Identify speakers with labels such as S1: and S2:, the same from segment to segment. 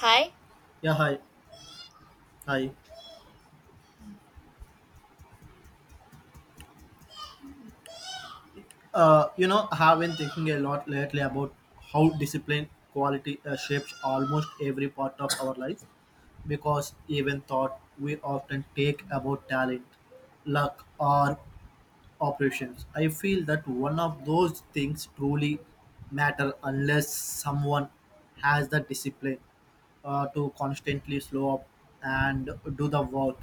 S1: Hi.
S2: Yeah, hi. Hi. I have been thinking a lot lately about how discipline quality shapes almost every part of our life because even thought we often take about talent, luck, or operations. I feel that one of those things truly matter unless someone has the discipline to constantly slow up and do the work.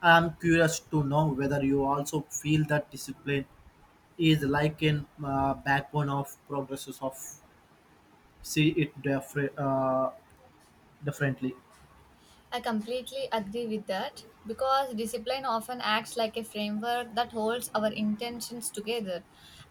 S2: I'm curious to know whether you also feel that discipline is like an backbone of progresses of see it differently
S1: I completely agree with that because discipline often acts like a framework that holds our intentions together.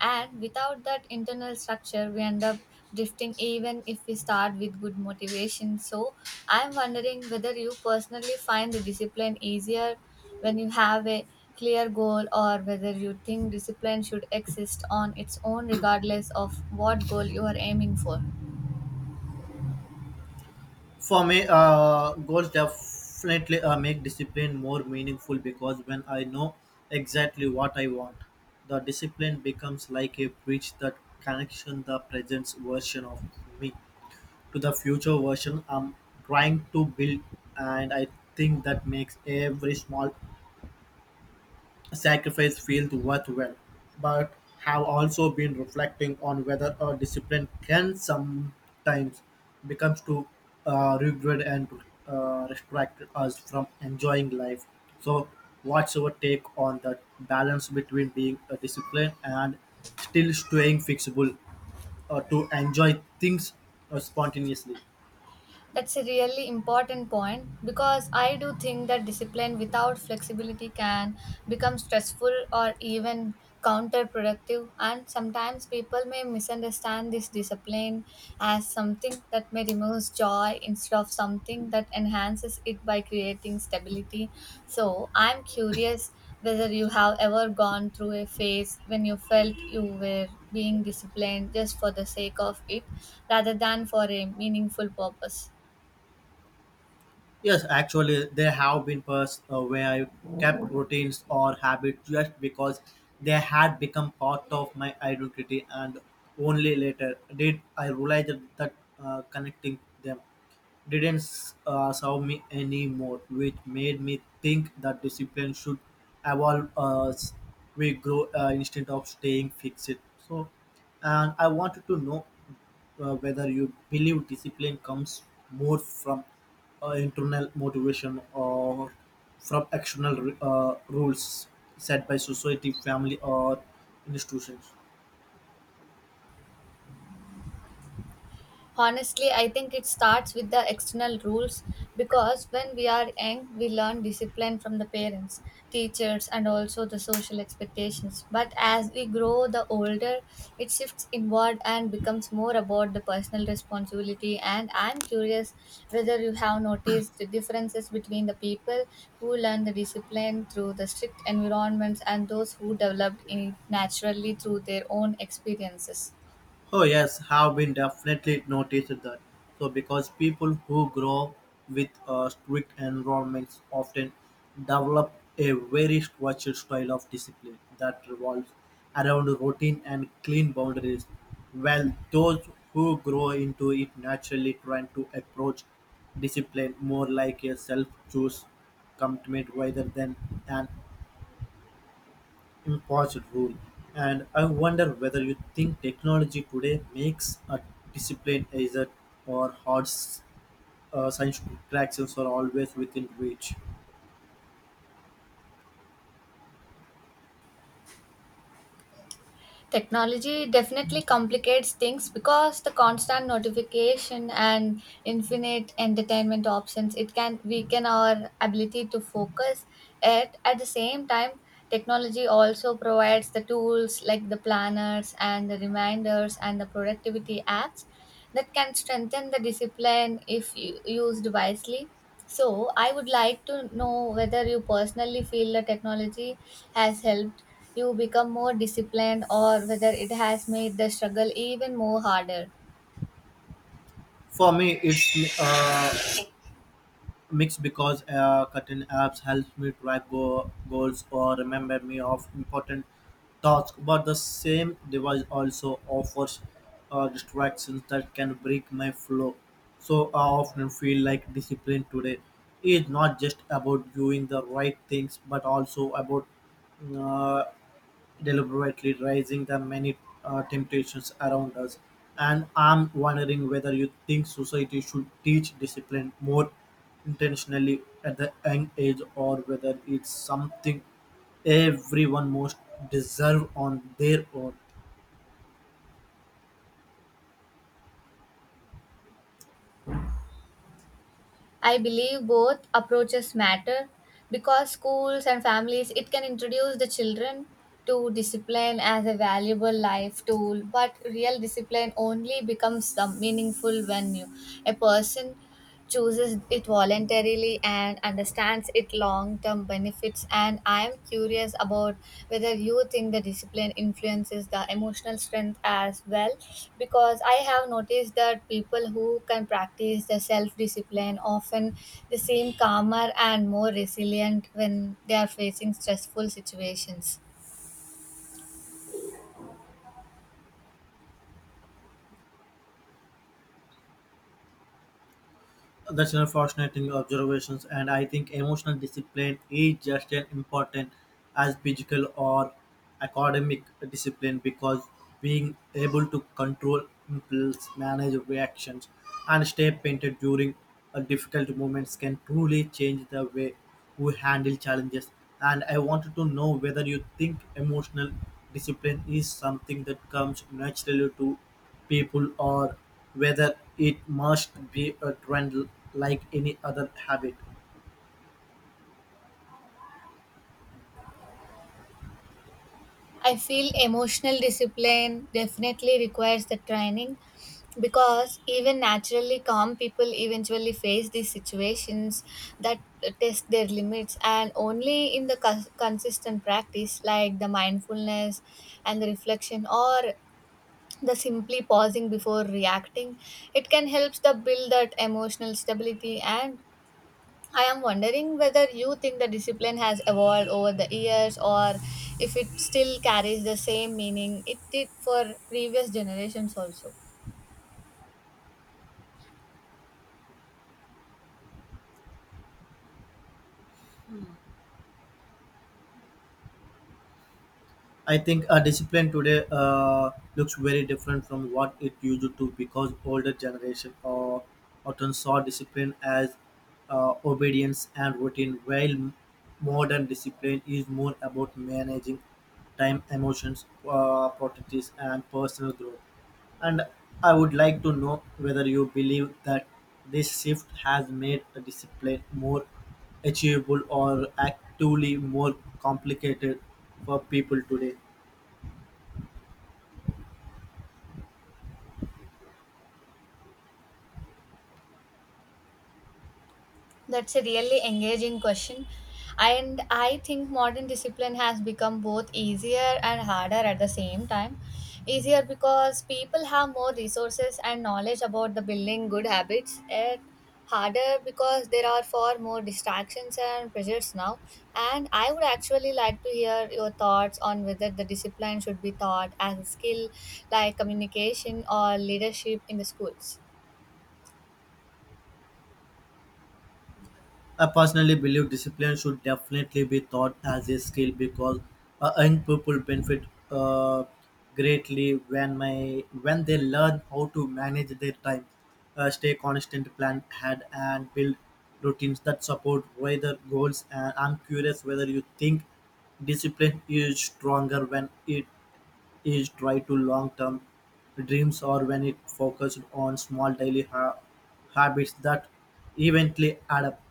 S1: And without that internal structure, we end up drifting even if we start with good motivation. So, I'm wondering whether you personally find the discipline easier when you have a clear goal or whether you think discipline should exist on its own regardless of what goal you are aiming for.
S2: for me goals definitely make discipline more meaningful because when I know exactly what I want the discipline becomes like a bridge that connection the present version of me to the future version I'm trying to build, and I think that makes every small sacrifice field worthwhile, but have also been reflecting on whether a discipline can sometimes becomes too rigid and restrict us from enjoying life. So, what's your take on the balance between being a discipline and still staying flexible to enjoy things spontaneously?
S1: That's a really important point because I do think that discipline without flexibility can become stressful or even counterproductive. And sometimes people may misunderstand this discipline as something that may remove joy instead of something that enhances it by creating stability. So I'm curious whether you have ever gone through a phase when you felt you were being disciplined just for the sake of it rather than for a meaningful purpose.
S2: Yes, actually, there have been periods where I kept routines or habits just because they had become part of my identity, and only later did I realize that connecting them didn't serve me anymore, which made me think that discipline should evolve as we grow instead of staying fixed. So, and I wanted to know whether you believe discipline comes more from internal motivation or from external rules set by society, family, or institutions.
S1: Honestly, I think it starts with the external rules because when we are young, we learn discipline from the parents, teachers, and also the social expectations. But as we grow, the older it shifts inward and becomes more about the personal responsibility. And I'm curious whether you have noticed the differences between the people who learn the discipline through the strict environments and those who developed it naturally through their own experiences.
S2: Oh yes, have been definitely noticed that. So because people who grow with strict environments often develop a very structured style of discipline that revolves around routine and clean boundaries, while those who grow into it naturally tend to approach discipline more like a self-choose commitment rather than an imposed rule. And I wonder whether you think technology today makes a discipline either or hard science corrections are always within reach.
S1: Technology definitely complicates things because the constant notification and infinite entertainment options it can weaken our ability to focus. Yet at the same time, technology also provides the tools like the planners and the reminders and the productivity apps that can strengthen the discipline if used wisely. So, I would like to know whether you personally feel the technology has helped you become more disciplined or whether it has made the struggle even more harder.
S2: For me, it's mix because cutting apps helps me track goals or remember me of important tasks, but the same device also offers distractions that can break my flow, so I often feel like discipline today is not just about doing the right things but also about uh, deliberately raising the many temptations around us. And I'm wondering whether you think society should teach discipline more intentionally at the young age or whether it's something everyone most deserve on their own.
S1: I believe both approaches matter because schools and families it can introduce the children to discipline as a valuable life tool, but real discipline only becomes some meaningful when you, a person, chooses it voluntarily and understands its long term benefits. And I am curious about whether you think the discipline influences the emotional strength as well, because I have noticed that people who can practice the self discipline often they seem calmer and more resilient when they are facing stressful situations.
S2: That's a fascinating observations, and I think emotional discipline is just as important as physical or academic discipline because being able to control impulse, manage reactions, and stay painted during a difficult moments can truly change the way we handle challenges. And I wanted to know whether you think emotional discipline is something that comes naturally to people or whether it must be a trend like any other habit.
S1: I feel emotional discipline definitely requires the training because even naturally calm people eventually face these situations that test their limits, and only in the consistent practice like the mindfulness and the reflection or the simply pausing before reacting it can help the build that emotional stability. And I am wondering whether you think the discipline has evolved over the years or if it still carries the same meaning it did for previous generations also.
S2: I think a discipline today looks very different from what it used to because older generation or often saw discipline as obedience and routine, while modern discipline is more about managing time, emotions, priorities, and personal growth. And I would like to know whether you believe that this shift has made the discipline more achievable or actually more complicated for people today.
S1: That's a really engaging question. And I think modern discipline has become both easier and harder at the same time. Easier because people have more resources and knowledge about the building good habits. It harder because there are far more distractions and pressures now. And I would actually like to hear your thoughts on whether the discipline should be taught as a skill like communication or leadership in the schools.
S2: I personally believe discipline should definitely be taught as a skill because young people benefit uh, greatly when my when they learn how to manage their time, stay constant, plan ahead, and build routines that support wider goals. And I'm curious whether you think discipline is stronger when it is tied to long-term dreams or when it focused on small daily habits that eventually add up.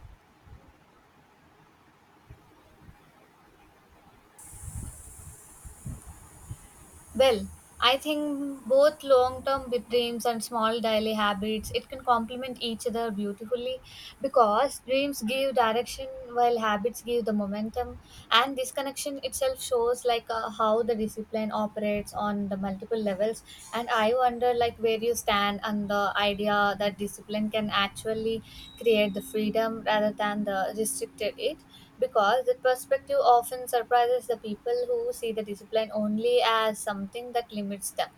S1: Well, I think both long-term bit dreams and small daily habits it can complement each other beautifully, because dreams give direction while habits give the momentum, and this connection itself shows like how the discipline operates on the multiple levels. And I wonder like where you stand on the idea that discipline can actually create the freedom rather than the restricted it, because the perspective often surprises the people who see the discipline only as something that limits them.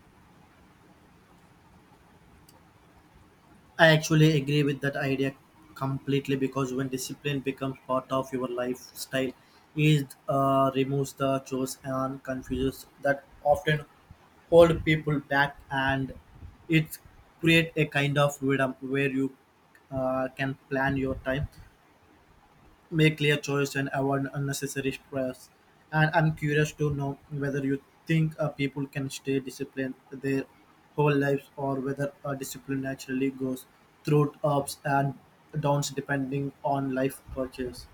S2: I actually agree with that idea completely because when discipline becomes part of your lifestyle, it removes the chores and confuses that often hold people back, and it create a kind of freedom where you can plan your time, make clear choice and avoid unnecessary stress, and I'm curious to know whether you think people can stay disciplined their whole lives or whether discipline naturally goes through ups and downs depending on life purchase.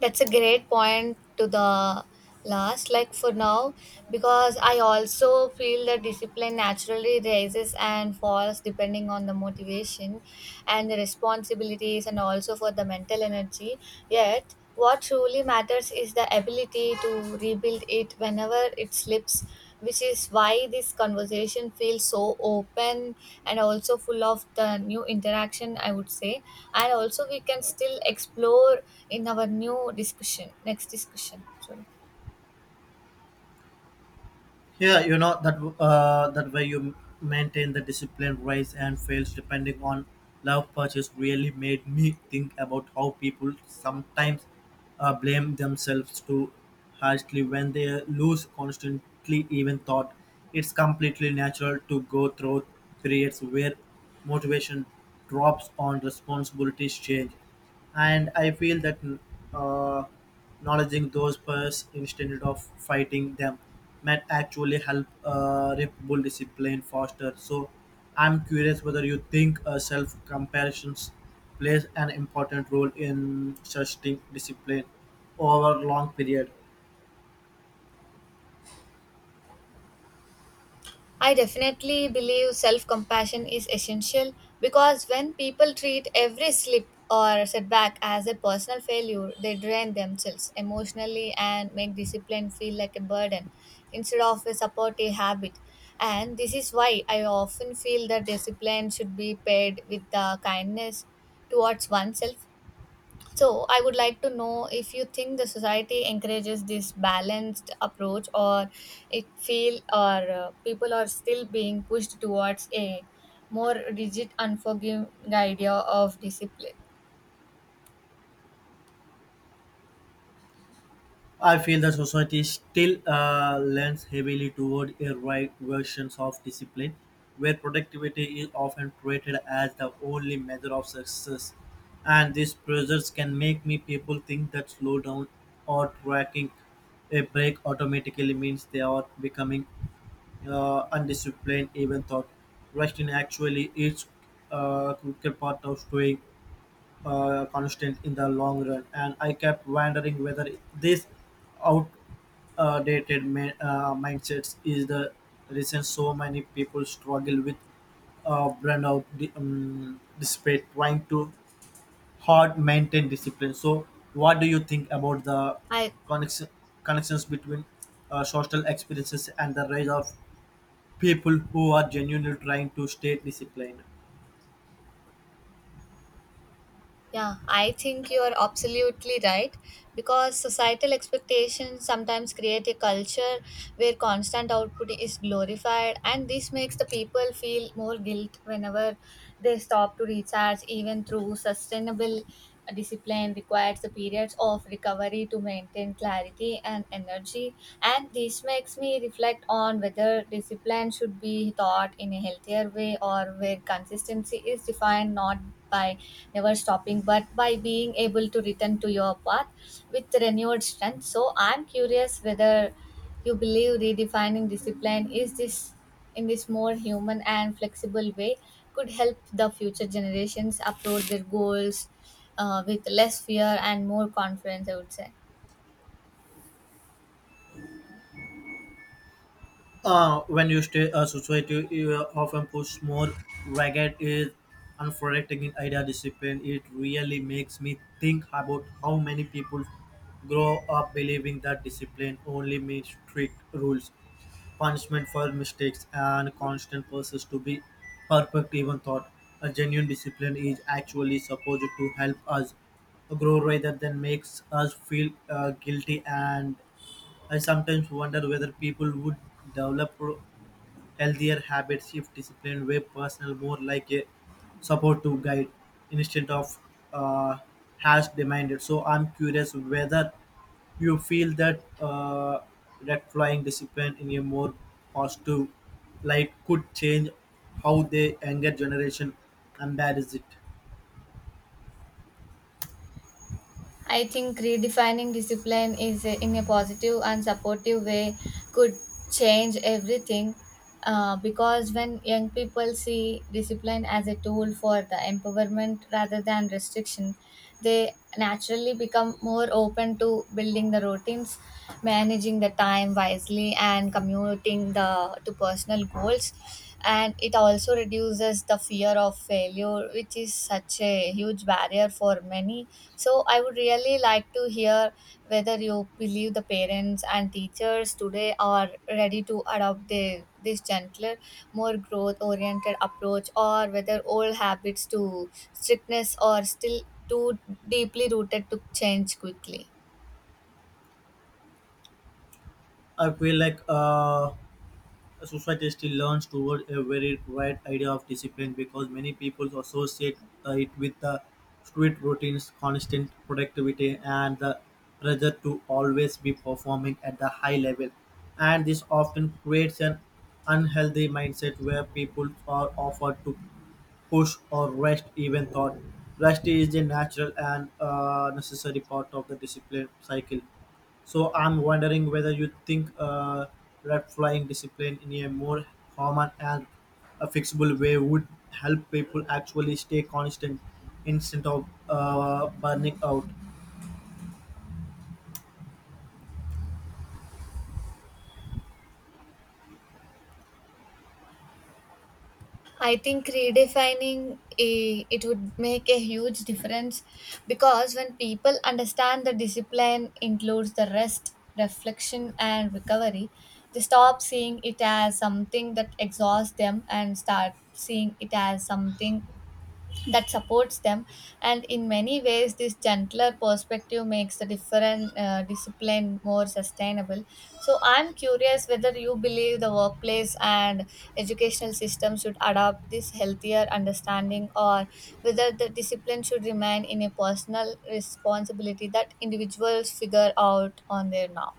S1: That's a great point to the last, like for now, because I also feel that discipline naturally rises and falls depending on the motivation and the responsibilities, and also for the mental energy. Yet, what truly matters trust is the ability to rebuild it whenever it slips, which is why this conversation feels so open and also full of the new interaction, I would say. And also, we can still explore in our new discussion, next discussion. So,
S2: Yeah, you know that that way you maintain the discipline, rise and fails depending on love purchase really made me think about how people sometimes blame themselves too harshly when they lose constantly even thought. It's completely natural to go through periods where motivation drops on responsibilities change, and I feel that uh, acknowledging those first instead of fighting them might actually help reputable discipline foster, so I'm curious whether you think self comparisons plays an important role in sustaining discipline over long period.
S1: I definitely believe self compassion is essential because when people treat every slip or setback as a personal failure, they drain themselves emotionally and make discipline feel like a burden instead of a supportive habit. And this is why I often feel that discipline should be paired with the kindness towards oneself. So, I would like to know if you think the society encourages this balanced approach, or it feel or people are still being pushed towards a more rigid, unforgiving idea of discipline.
S2: I feel the society still lends heavily toward a right versions of discipline, where productivity is often treated as the only measure of success. And these pressures can make me people think that slow down or tracking a break automatically means they are becoming undisciplined. Even thought resting actually is a quicker part of staying constant in the long run. And I kept wondering whether this out dated mindsets is the reason so many people struggle with burnout despite trying to hard maintain discipline. So, what do you think about the
S1: I
S2: connection, connections between social experiences and the rise of people who are genuinely trying to stay disciplined?
S1: Yeah, I think you are absolutely right, because societal expectations sometimes create a culture where constant output is glorified, and this makes the people feel more guilt whenever they stop to recharge, even through sustainable discipline requires the periods of recovery to maintain clarity and energy. And this makes me reflect on whether discipline should be taught in a healthier way, or where consistency is defined not by never stopping but by being able to return to your path with renewed strength. So, I'm curious whether you believe redefining discipline is this in this more human and flexible way could help the future generations approach their goals with less fear and more confidence, I would say.
S2: When you stay a society, you often push more ragged is unforgetting idea discipline. It really makes me think about how many people grow up believing that discipline only means strict rules, punishment for mistakes, and constant pursuit to be perfect. Even thought a genuine discipline is actually supposed to help us grow rather than makes us feel guilty, and I sometimes wonder whether people would develop healthier habits shift discipline where personal more like a support to guide instead of uh, has demanded, so I'm curious whether you feel that that flying discipline in a more positive light could change how the younger generation embraces it.
S1: I think redefining discipline is in a positive and supportive way could change everything, because when young people see discipline as a tool for the empowerment rather than restriction, they naturally become more open to building the routines, managing the time wisely, and commuting the to personal goals. And it also reduces the fear of failure, which is such a huge barrier for many. So I would really like to hear whether you believe the parents and teachers today are ready to adopt the, this gentler, more growth oriented approach, or whether old habits to strictness are still too deeply rooted to change quickly.
S2: I feel like a society still learns toward a very wide idea of discipline because many people associate it with the strict routines, constant productivity, and the pressure to always be performing at the high level. And this often creates an unhealthy mindset where people are offered to push or rest even thought. Rest is a natural and necessary part of the discipline cycle. So I'm wondering whether you think red flying discipline in a more common and a fixable way would help people actually stay constant instead of burning out.
S1: I think redefining it would make a huge difference, because when people understand the discipline includes the rest, reflection, and recovery, they stop seeing it as something that exhausts them and start seeing it as something that supports them. And in many ways this gentler perspective makes the different discipline more sustainable. So I'm curious whether you believe the workplace and educational system should adopt this healthier understanding, or whether the discipline should remain in a personal responsibility that individuals figure out on their own.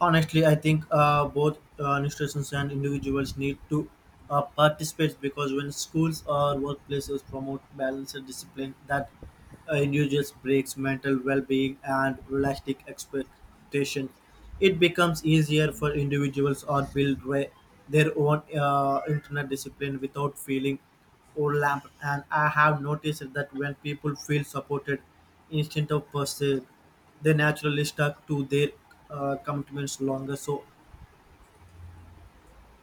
S2: Honestly, I think both institutions and individuals need to participate because when schools or workplaces promote balance and discipline, that individuals breaks mental well-being and realistic expectation, it becomes easier for individuals or build their own internet discipline without feeling or lamp, and I have noticed that when people feel supported instead of pursued, they naturally stuck to their commitments longer. So,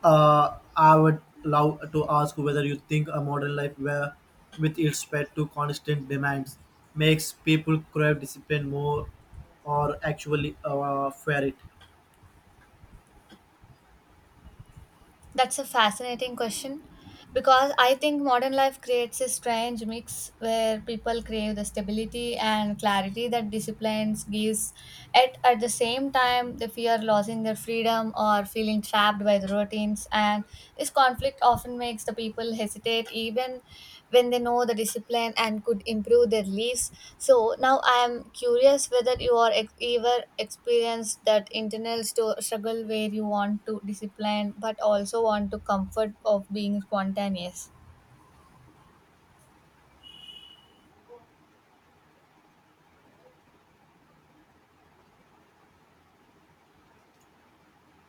S2: I would love to ask whether you think a modern life where, with its pet to constant demands, makes people crave discipline more or actually fear it.
S1: That's a fascinating question because I think modern life creates a strange mix where people crave the stability and clarity that disciplines gives. At the same time, they fear losing their freedom or feeling trapped by the routines, and this conflict often makes the people hesitate even when they know the discipline and could improve their lives. So now I am curious whether you are ever experienced that internal struggle where you want to discipline but also want to comfort of being spontaneous.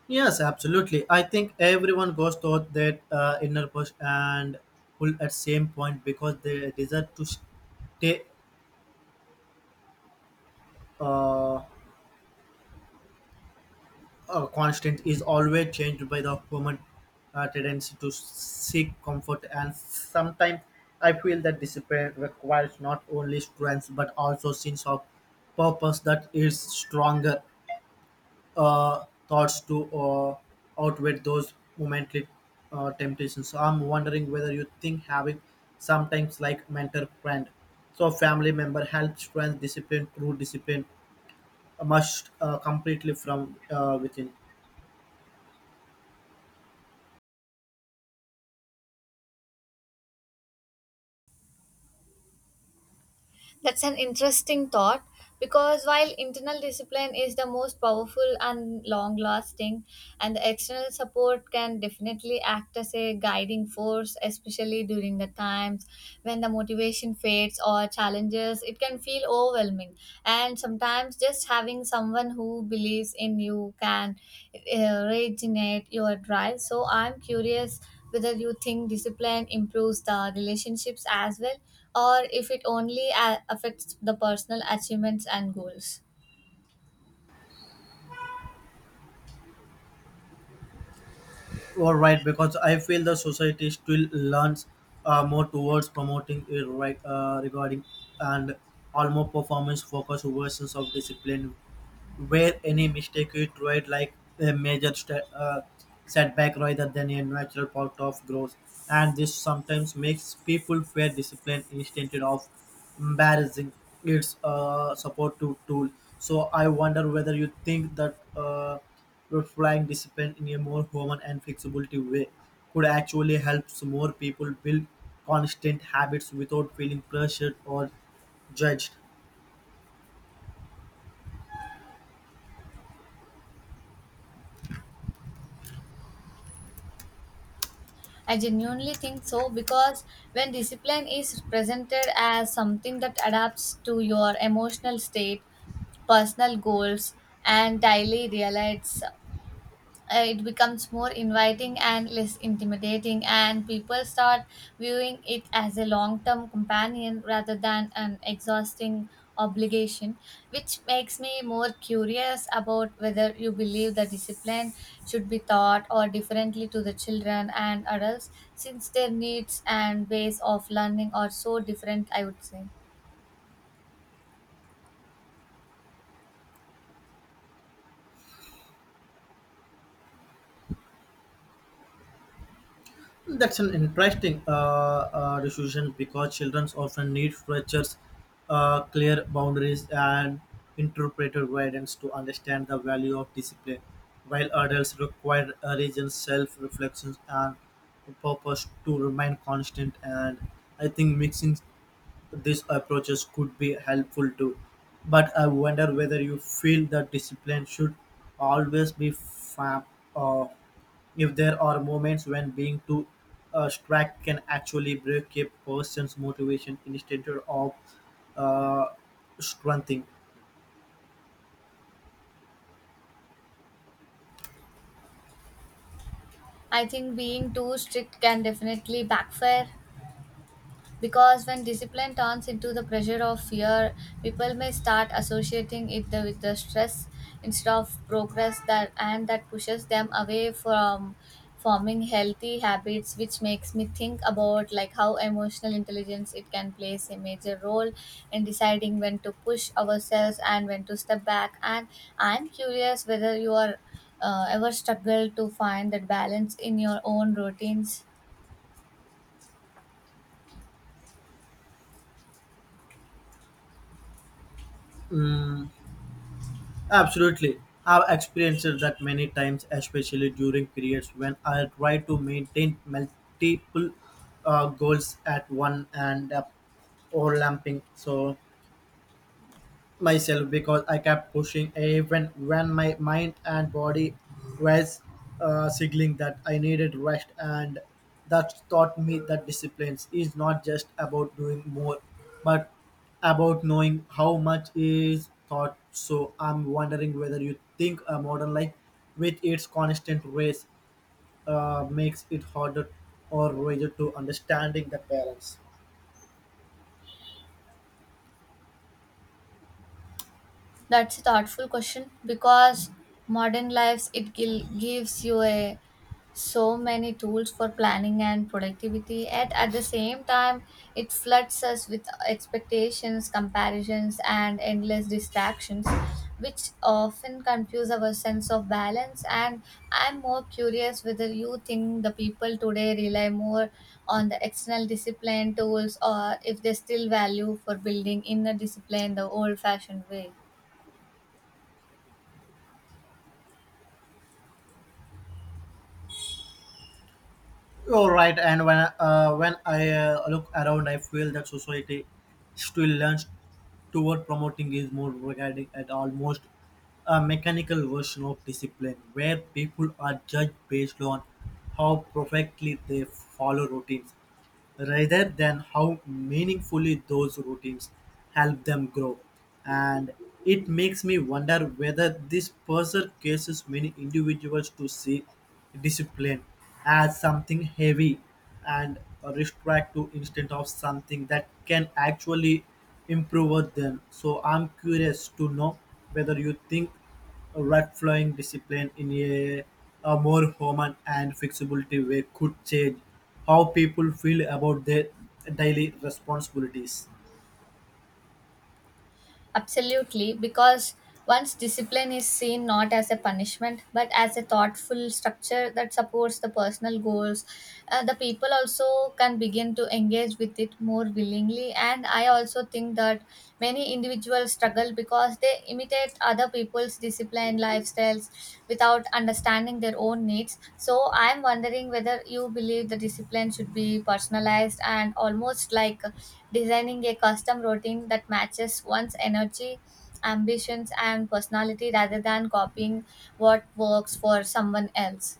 S2: Yes, absolutely. I think everyone goes through that inner push and pull at same point because the desire to stay uh, constant is always changed by the human tendency to seek comfort. And sometimes I feel that discipline requires not only strength but also sense of purpose that is stronger thoughts to outweigh those momentary temptations. So I'm wondering whether you think having sometimes like mentor friend, so a family member helps friends discipline through discipline must completely from within.
S1: That's an interesting thought, because while internal discipline is the most powerful and long lasting, and the external support can definitely act as a guiding force, especially during the times when the motivation fades or challenges, it can feel overwhelming. And sometimes just having someone who believes in you can regenerate your drive. So, I'm curious whether you think discipline improves the relationships as well, or if it only affects the personal achievements and goals.
S2: All right, because I feel the society still learns more towards promoting it right regarding and almost performance focused versions of discipline where any mistake is treated like a major setback rather than a natural part of growth. And this sometimes makes people fear discipline instead of embarrassing its supportive tool. So I wonder whether you think that applying discipline in a more human and flexibility way could actually help some more people build constant habits without feeling pressured or judged.
S1: I genuinely think so, because when discipline is presented as something that adapts to your emotional state, personal goals, and daily realities, it becomes more inviting and less intimidating, and people start viewing it as a long-term companion rather than an exhausting obligation, which makes me more curious about whether you believe the discipline should be taught or differently to the children and adults, since their needs and ways of learning are so different, I would say.
S2: That's an interesting decision because children often need structures, clear boundaries, and interpretive guidance to understand the value of discipline, while adults require a reason, self reflections and purpose to remain constant. And I think mixing these approaches could be helpful too, but I wonder whether you feel that discipline should always be firm or if there are moments when being too strict can actually break a person's motivation instead of uh, strengthening.
S1: I think being too strict can definitely backfire, because when discipline turns into the pressure of fear, people may start associating it with the stress instead of progress that, and that pushes them away from forming healthy habits, which makes me think about like how emotional intelligence it can play a major role in deciding when to push ourselves and when to step back. And I'm curious whether you are ever struggled to find that balance in your own routines.
S2: Mm, absolutely. I've experienced that many times, especially during periods when I try to maintain multiple goals at one and overlapping. So myself because I kept pushing even when my mind and body was signaling that I needed rest. And that taught me that discipline is not just about doing more, but about knowing how much is thought. So I'm wondering whether you think a modern life with its constant race makes it harder or rather to understanding that balance.
S1: That's a thoughtful question, because modern lives it gives you a so many tools for planning and productivity, and at the same time it floods us with expectations, comparisons, and endless distractions, which often confuse our sense of balance. And I'm more curious whether you think the people today rely more on the external discipline tools, or if they still value for building inner discipline the old fashioned way.
S2: You're right, and when I look around, I feel that society still learns toward promoting is more regarding at almost a mechanical version of discipline, where people are judged based on how perfectly they follow routines rather than how meaningfully those routines help them grow. And it makes me wonder whether this pressure causes many individuals to see discipline as something heavy and restrict to instead of something that can actually improve them. So I'm curious to know whether you think right flowing discipline in a more human and flexibility way could change how people feel about their daily responsibilities.
S1: Absolutely, because once discipline is seen not as a punishment but as a thoughtful structure that supports the personal goals, the people also can begin to engage with it more willingly. And I also think that many individuals struggle because they imitate other people's disciplined lifestyles without understanding their own needs. So I'm wondering whether you believe the discipline should be personalized and almost like designing a custom routine that matches one's energy, ambitions, and personality rather than copying what works for someone else.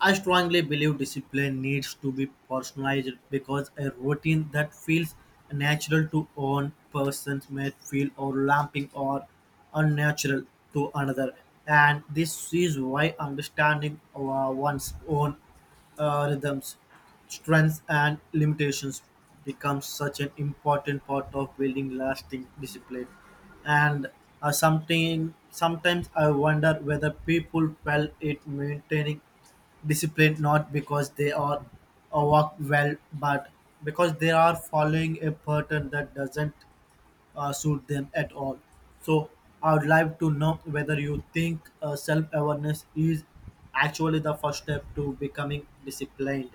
S2: I strongly believe discipline needs to be personalized because a routine that feels natural to one person may feel overlapping or unnatural to another. And this is why understanding one's own rhythms, strengths, and limitations becomes such an important part of building lasting discipline. And something sometimes I wonder whether people felt it maintaining disciplined not because they are work well, but because they are following a pattern that doesn't suit them at all. So I would like to know whether you think self-awareness is actually the first step to becoming disciplined.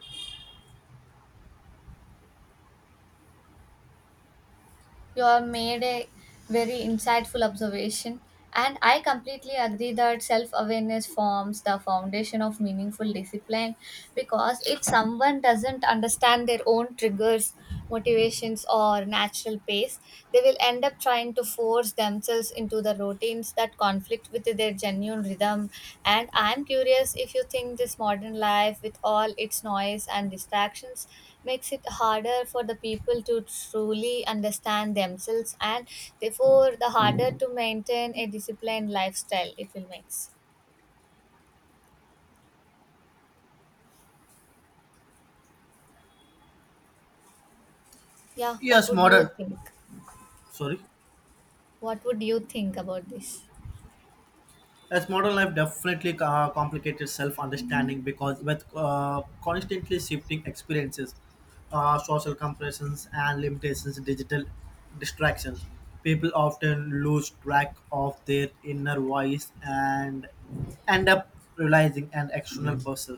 S1: You have made a very insightful observation, and I completely agree that self awareness forms the foundation of meaningful discipline because if someone doesn't understand their own triggers, motivations, or natural pace, they will end up trying to force themselves into to the routines that conflict with their genuine rhythm. And I'm curious if you think this modern life, with all its noise and distractions, makes it harder for the people to truly understand themselves and therefore the harder to maintain a disciplined lifestyle it will makes. Yeah, what
S2: Yes,
S1: would you
S2: modern.
S1: think?
S2: Sorry.
S1: What would you think about this?
S2: As modern life definitely complicated self-understanding because with constantly shifting experiences, social comparisons and limitations, digital distractions, people often lose track of their inner voice and end up realizing an external person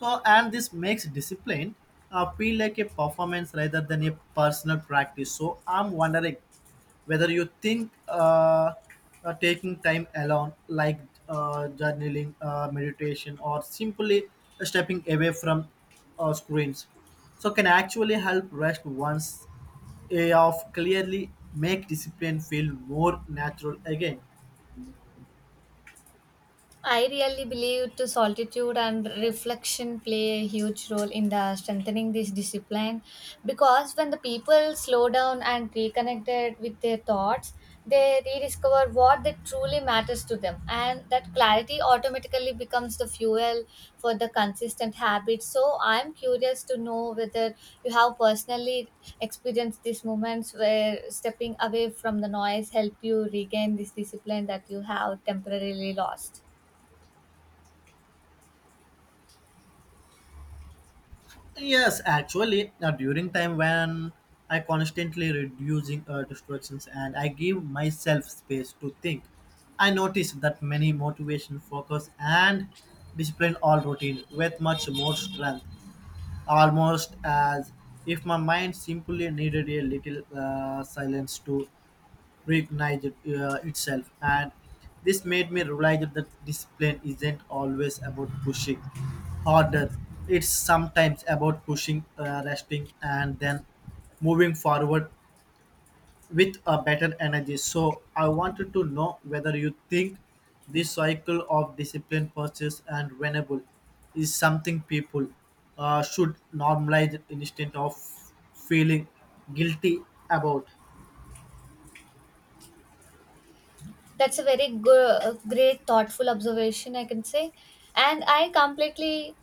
S2: and this makes discipline feel like a performance rather than a personal practice. So I'm wondering whether you think taking time alone, like journaling, meditation, or simply stepping away from screens, so can actually help rest once off clearly make discipline feel more natural again.
S1: I really believe to solitude and reflection play a huge role in the strengthening this discipline because when the people slow down and reconnected with their thoughts, they rediscover what that truly matters to them, and that clarity automatically becomes the fuel for the consistent habits. So I'm curious to know whether you have personally experienced these moments where stepping away from the noise helped you regain this discipline that you have temporarily lost.
S2: Yes, actually, during time when I constantly reducing distractions and I give myself space to think, I notice that many motivation, focus, and discipline all routine with much more strength, almost as if my mind simply needed a little silence to recognized itself, and this made me realize that discipline isn't always about pushing harder. It's sometimes about pushing resting and then moving forward with a better energy. So I wanted to know whether you think this cycle of discipline purchase and renewable is something people should normalize instead of feeling guilty about.
S1: That's a very good, great, thoughtful observation, I can say. And I completely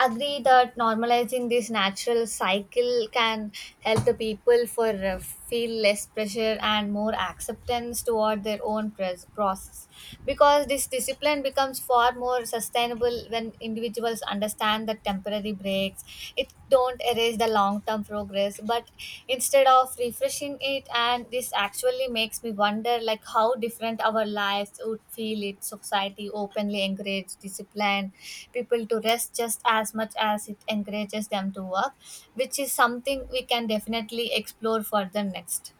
S1: agree that normalizing this natural cycle can help the people for feel less pressure and more acceptance toward their own process, because this discipline becomes far more sustainable when individuals understand that temporary breaks it don't erase the long term progress but instead of refreshing it. And this actually makes me wonder like how different our lives would feel if society openly encouraged discipline people to rest just as much as it encourages them to work, which is something we can definitely explore further next.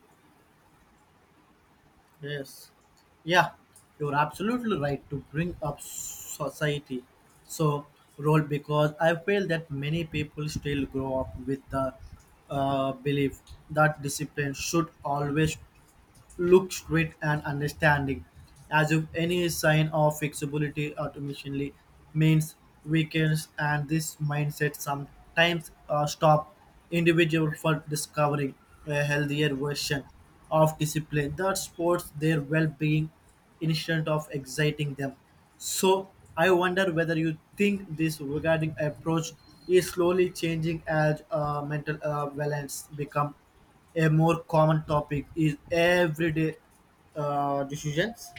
S2: Yes. Yeah, you're absolutely right to bring up society. So role because I feel that many people still grow up with the belief that discipline should always look straight and understanding, as if any sign of fixability automatically means weakness, and this mindset sometimes stop individual for discovering a healthier version of discipline that supports their well-being instead of exciting them. So I wonder whether you think this regarding approach is slowly changing as mental balance become a more common topic is everyday decisions.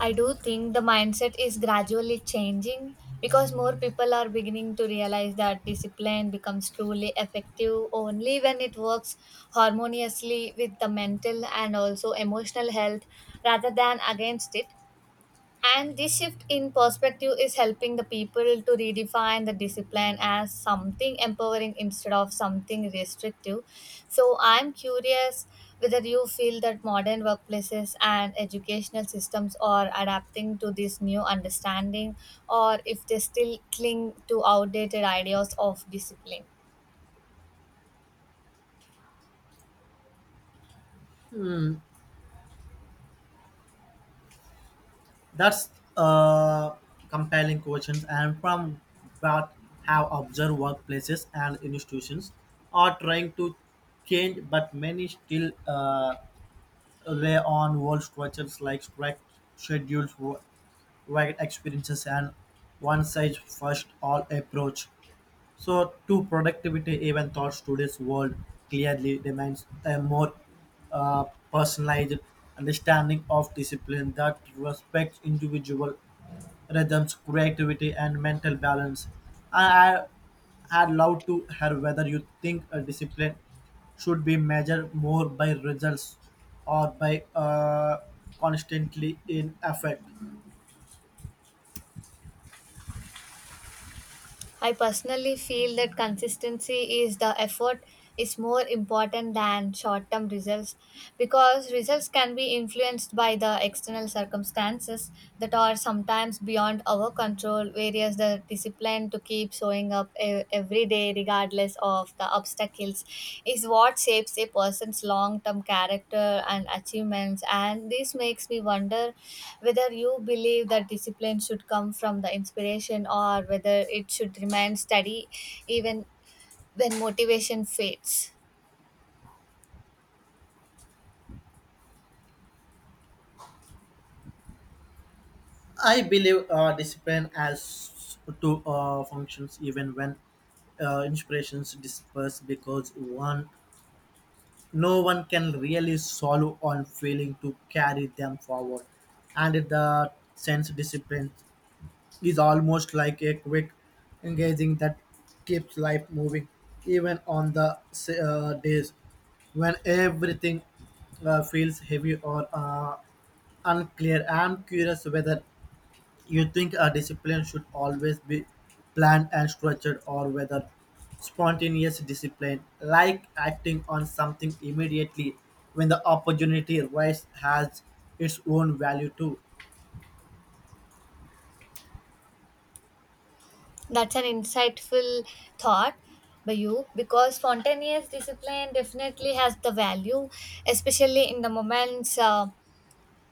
S1: I do think the mindset is gradually changing because more people are beginning to realize that discipline becomes truly effective only when it works harmoniously with the mental and also emotional health rather than against it. And this shift in perspective is helping the people to redefine the discipline as something empowering instead of something restrictive. So I'm curious whether you feel that modern workplaces and educational systems are adapting to this new understanding, or if they still cling to outdated ideas of discipline.
S2: That's uh, compelling questions, and from that have observed workplaces and institutions are trying to change, but many still rely on old structures like strict schedules, work experiences, and one size first all approach. So, to productivity, even though today's world clearly demands a more uh, personalized understanding of discipline that respects individual rhythms, creativity, and mental balance. I I had loved to hear whether you think a discipline should be measured more by results or by constantly in effect.
S1: I personally feel that consistency is the effort is more important than short term results, because results can be influenced by the external circumstances that are sometimes beyond our control, whereas the discipline to keep showing up every day, regardless of the obstacles, is what shapes a person's long term character and achievements. And this makes me wonder whether you believe that discipline should come from the inspiration, or whether it should remain steady even when motivation fades.
S2: I believe discipline has to functions even when inspirations disperse because one no one can really solve on failing to carry them forward, and the sense discipline is almost like a quick engaging that keeps life moving even on the days when everything feels heavy or unclear. I'm curious whether you think a discipline should always be planned and structured, or whether spontaneous discipline, like acting on something immediately when the opportunity arises, has its own value too.
S1: That's an insightful thought by you, because spontaneous discipline definitely has the value, especially in the moments.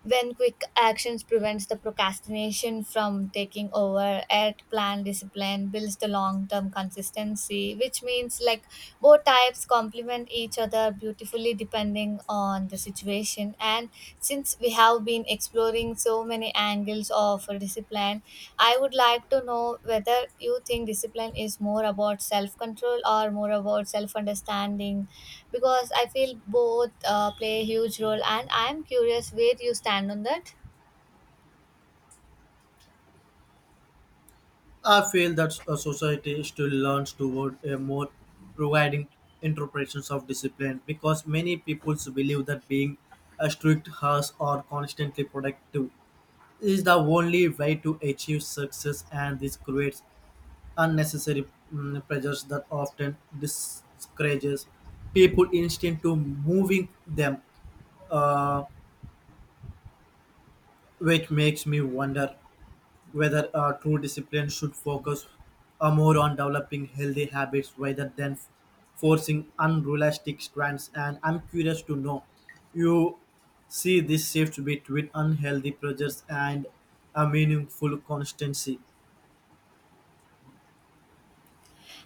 S1: When quick actions prevents the procrastination from taking over at plan discipline builds the long term consistency, which means like both types complement each other beautifully depending on the situation. And since we have been exploring so many angles of discipline, I would like to know whether you think discipline is more about self control or more about self understanding, because I feel both play a huge role, and I'm curious where you stand on that.
S2: I feel that a society still learns toward a more providing interpretations of discipline because many people believe that being a strict harsh or constantly productive is the only way to achieve success, and this creates unnecessary pressures that often discourages people instinct to moving them, uh, which makes me wonder whether true discipline should focus more on developing healthy habits rather than forcing unrealistic strands. And I'm curious to know, you see this shift between unhealthy pressures and a meaningful constancy.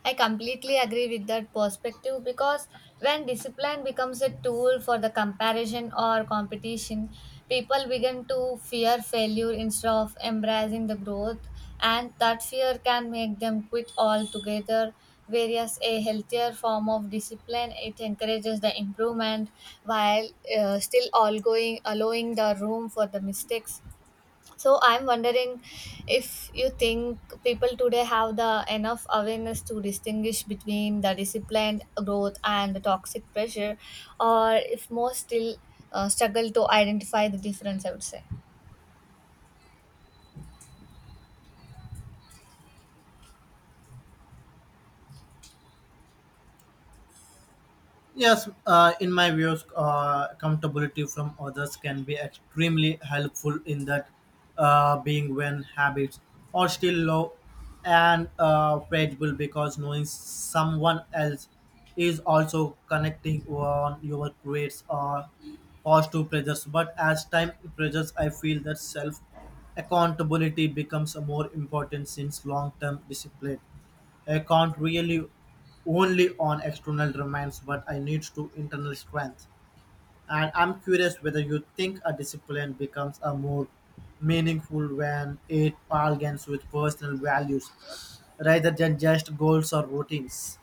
S1: I completely agree with that perspective, because when discipline becomes a tool for the comparison or competition, people begin to fear failure instead of embracing the growth, and that fear can make them quit altogether. Whereas a healthier form of discipline, it encourages the improvement while still all going allowing the room for the mistakes. So I'm wondering if you think people today have the enough awareness to distinguish between the disciplined growth and the toxic pressure, or if most still struggle to identify the difference, I would say.
S2: Yes, in my views, accountability from others can be extremely helpful in that being when habits are still low and fragile because knowing someone else is also connecting on your creates positive pressures. But as time pressures, I feel that self accountability becomes more important since long term discipline I count really only on external demands, but I need to internal strength. And I'm curious whether you think a discipline becomes a more meaningful when it bargains with personal values rather than just goals or routines.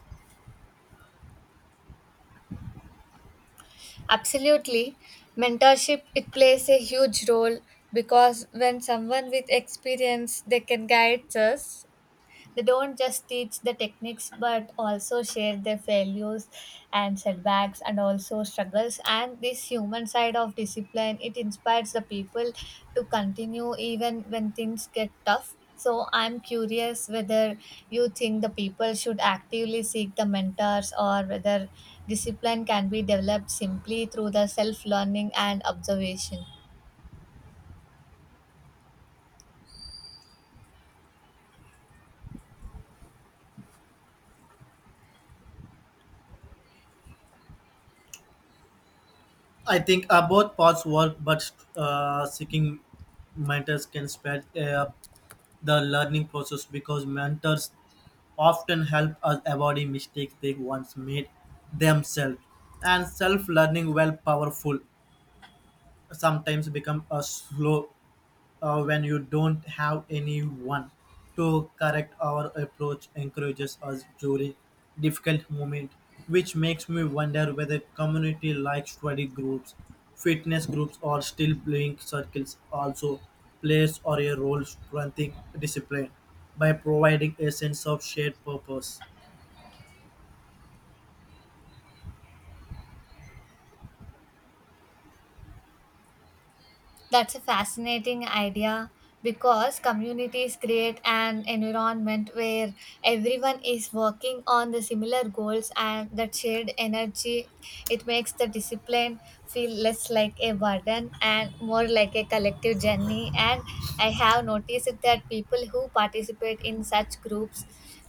S1: Absolutely, mentorship it plays a huge role, because when someone with experience they can guide us. They don't just teach the techniques but also share their failures and setbacks and also struggles. And this human side of discipline, it inspires the people to continue even when things get tough. So I'm curious whether you think the people should actively seek the mentors, or whether discipline can be developed simply through the self learning and observation.
S2: I think both paths work, but seeking mentors can spread the learning process because mentors often help us avoid mistakes they once made themselves. And self-learning, while powerful, sometimes become a slow when you don't have anyone to correct our approach encourages us during difficult moment, which makes me wonder whether community like study groups, fitness groups, or still playing circles also plays or a role strengthening discipline by providing a sense of shared purpose.
S1: That's a fascinating idea, because communities create an environment where everyone is working on the similar goals, and that shared energy it makes the discipline feel less like a burden and more like a collective journey. And I have noticed that people who participate in such groups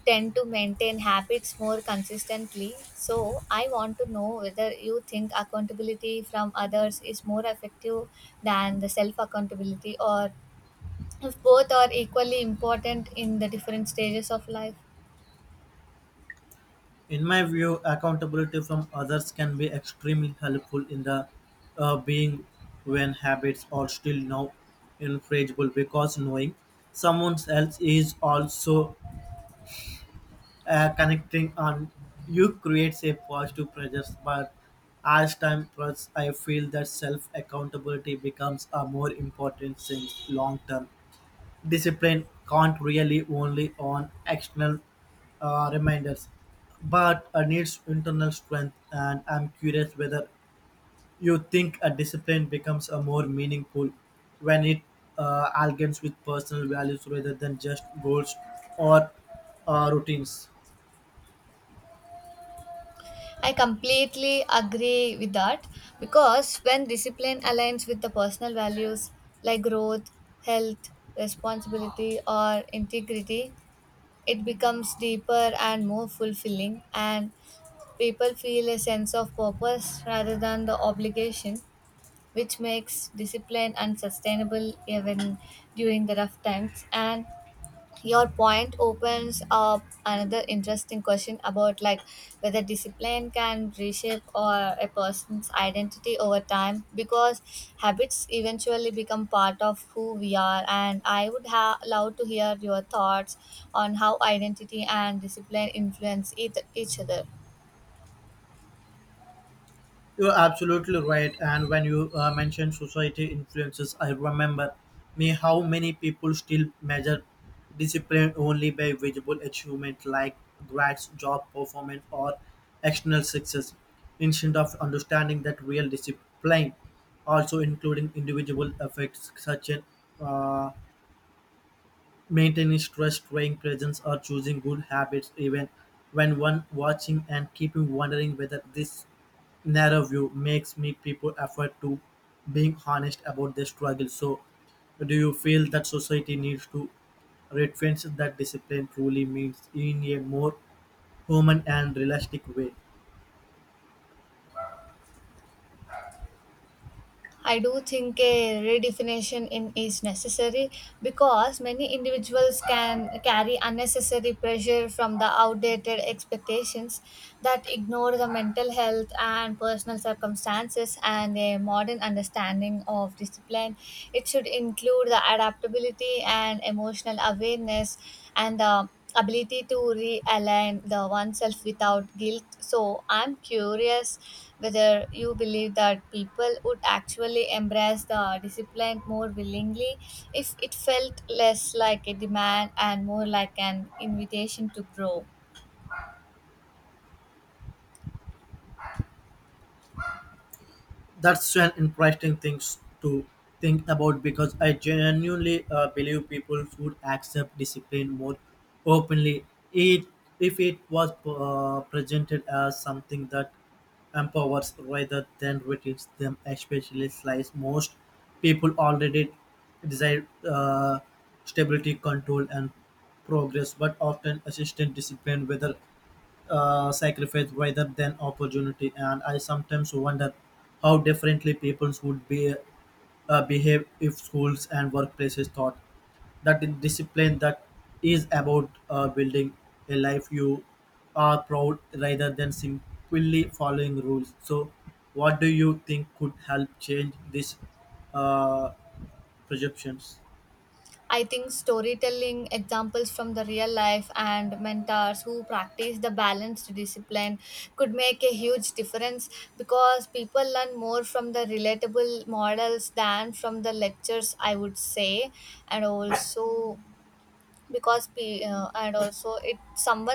S1: tend to maintain habits more consistently. So, I want to know whether you think accountability from others is more effective than the self accountability, or if both are equally important in the different stages of life.
S2: In my view, accountability from others can be extremely helpful in the being when habits are still now infrangible because knowing someone else is also connecting on you creates a positive pressure. But as time passes, I feel that self accountability becomes a more important thing long term. Discipline can't really only on external reminders, but needs internal strength. And I'm curious whether you think a discipline becomes a more meaningful when it aligns with personal values rather than just goals or routines.
S1: I completely agree with that, because when discipline aligns with the personal values like growth, health, responsibility, or integrity, it becomes deeper and more fulfilling. And people feel a sense of purpose rather than the obligation, which makes discipline unsustainable even during the rough times. And your point opens up another interesting question about like whether discipline can reshape or a person's identity over time, because habits eventually become part of who we are, and I would love to hear your thoughts on how identity and discipline influence each other.
S2: You're absolutely right. And when you mentioned society influences, I remember me how many people still measure discipline only by visible achievement like grades, job performance, or external success, instead of understanding that real discipline also including individual effects such as uh, maintaining stress, staying presence, or choosing good habits even when one watching and keeping wondering whether this narrow view makes me people effort to being honest about their struggle. So do you feel that society needs to retrench that discipline truly means in a more human and realistic way?
S1: I do think a redefinition in is necessary, because many individuals can carry unnecessary pressure from the outdated expectations that ignore the mental health and personal circumstances, and a modern understanding of discipline. It should include the adaptability and emotional awareness and the ability to realign the oneself without guilt. So I'm curious whether you believe that people would actually embrace the discipline more willingly if it felt less like a demand and more like an invitation to grow.
S2: That's an interesting things to think about because I genuinely believe people would accept discipline more openly it, if it was presented as something that empowers rather than reduces them, especially since most people already desire stability, control, and progress, but often assistant discipline, whether sacrifice rather than opportunity. And I sometimes wonder how differently peoples would be behave if schools and workplaces taught that the discipline that is about building a life you are proud rather than simply following rules. So, what do you think could help change these uh, perceptions?
S1: I think storytelling, examples from the real life, and mentors who practice the balanced discipline could make a huge difference, because people learn more from the relatable models than from the lectures, I would say. And also, because and also it someone